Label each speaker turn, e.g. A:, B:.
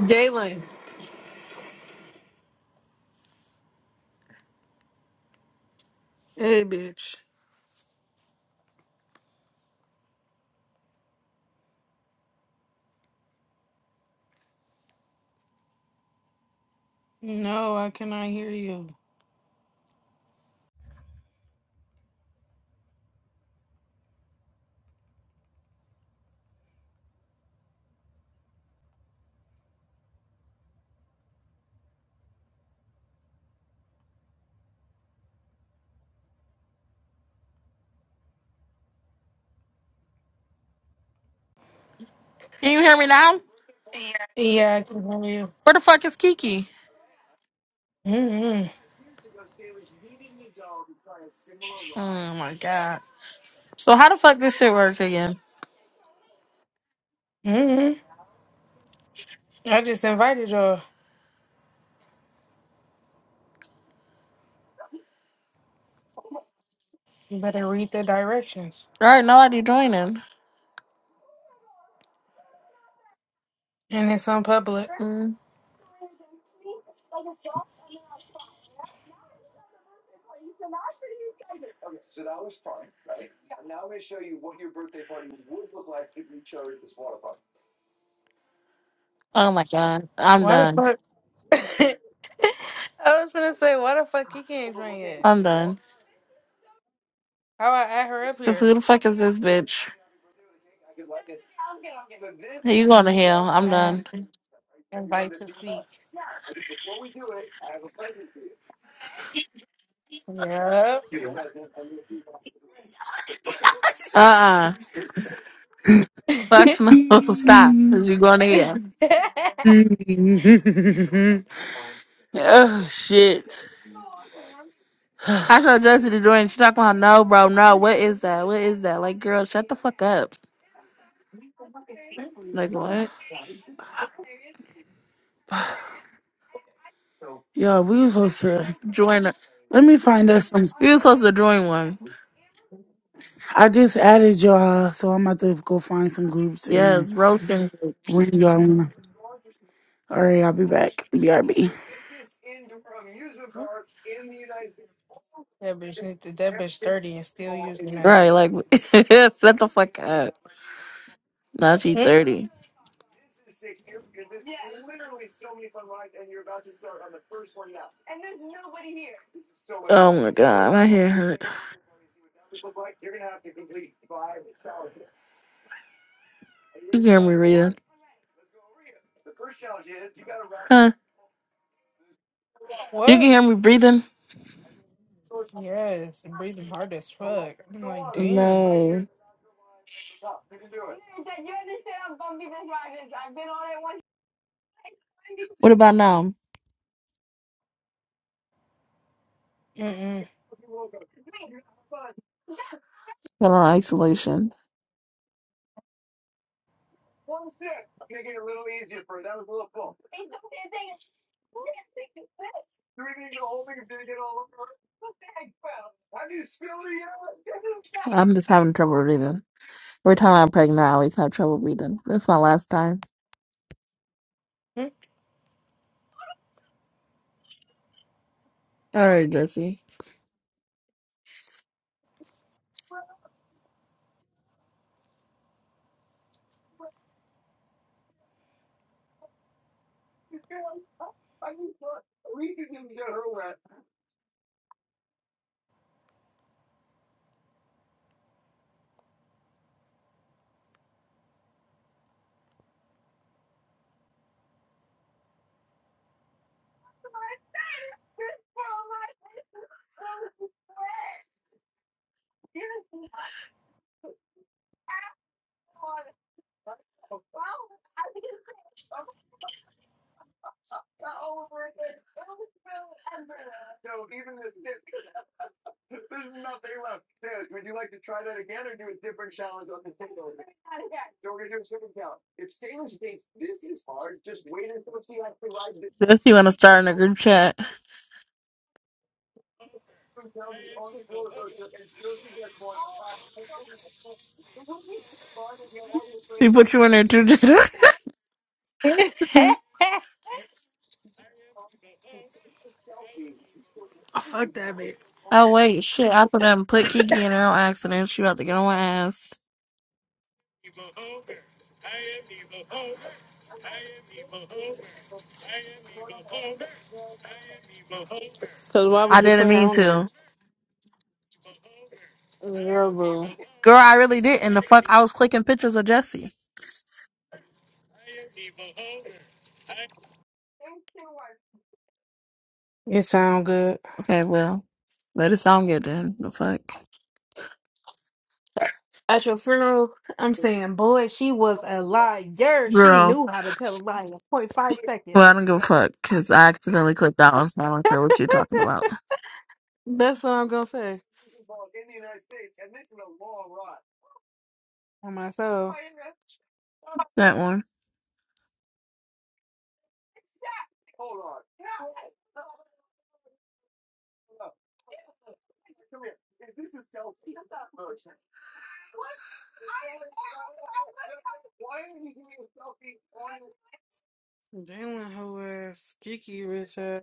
A: Jalen. Hey, bitch. No, I cannot hear you.
B: Can you hear me now?
A: Yeah, I can hear you.
B: Where the fuck is Kiki?
A: Mm-hmm.
B: Oh my god. So how the fuck this shit work again?
A: Mm-hmm. I just invited y'all. You better read the directions.
B: All right, nobody joining.
A: And it's on public.
B: Mm. Oh my god. I'm
A: Why the
B: done.
A: fuck? I was gonna say, why the fuck he can't join yet?
B: I'm done.
A: How I add her up
B: Cause
A: here?
B: who the fuck is this bitch? Hey, You going to hell. I'm
A: I
B: done.
A: invite to speak. Yup.
B: Uh-uh.
A: that
B: Fuck no. Stop. Cause you going to hell.
C: Yeah. Shit.
B: I told Josie to join. She talking about no, bro, no. What is that? What is that? Like, girl, shut the fuck up. Like, what?
C: Y'all, we was supposed to.
B: Join. a-
C: Let me find us some.
B: You were supposed to join one.
C: I just added y'all, so I'm about to go find some groups and
B: Yes, roasting groups.
C: ring y'all. All right, I'll be back. BRB.
A: bitch, need to- that bitch thirty and still using that.
B: Right, like shut the fuck up. Not G
A: Hmm?
B: thirty. Oh my god, my head hurt. You can hear me breathing. Huh? You
A: What?
B: can hear me breathing?
A: Yes, and breathing hard as fuck. I'm like, damn.
B: No. What about now?
A: Mm-mm.
B: Got on isolation. I'm just having trouble breathing. Every time I'm pregnant, I always have trouble breathing. That's my last time. All right, Jesse. Jesse, want to start in a group chat? We put you in there too, Jada.
A: Oh, fuck that bitch.
B: Oh wait, shit! I put up and put Kiki in her on accident. She about to get on my ass.
A: Cause why would
B: I
A: you
B: didn't
A: put her
B: mean
A: on there?
B: to,
A: Girl, boo.
B: girl. I really didn't. The fuck, I was clicking pictures of Jesse.
A: It sound good.
B: Okay, well, let it sound good then. The fuck,
A: At your funeral, I'm saying, boy, she was a liar. She
B: girl.
A: knew how to tell a lie in point five seconds.
B: Well, I don't give a fuck because I accidentally clicked that one, so I don't care what you're talking about.
A: That's what I'm gonna say on myself.
B: That one.
A: Jalen, who is geeky, bitch.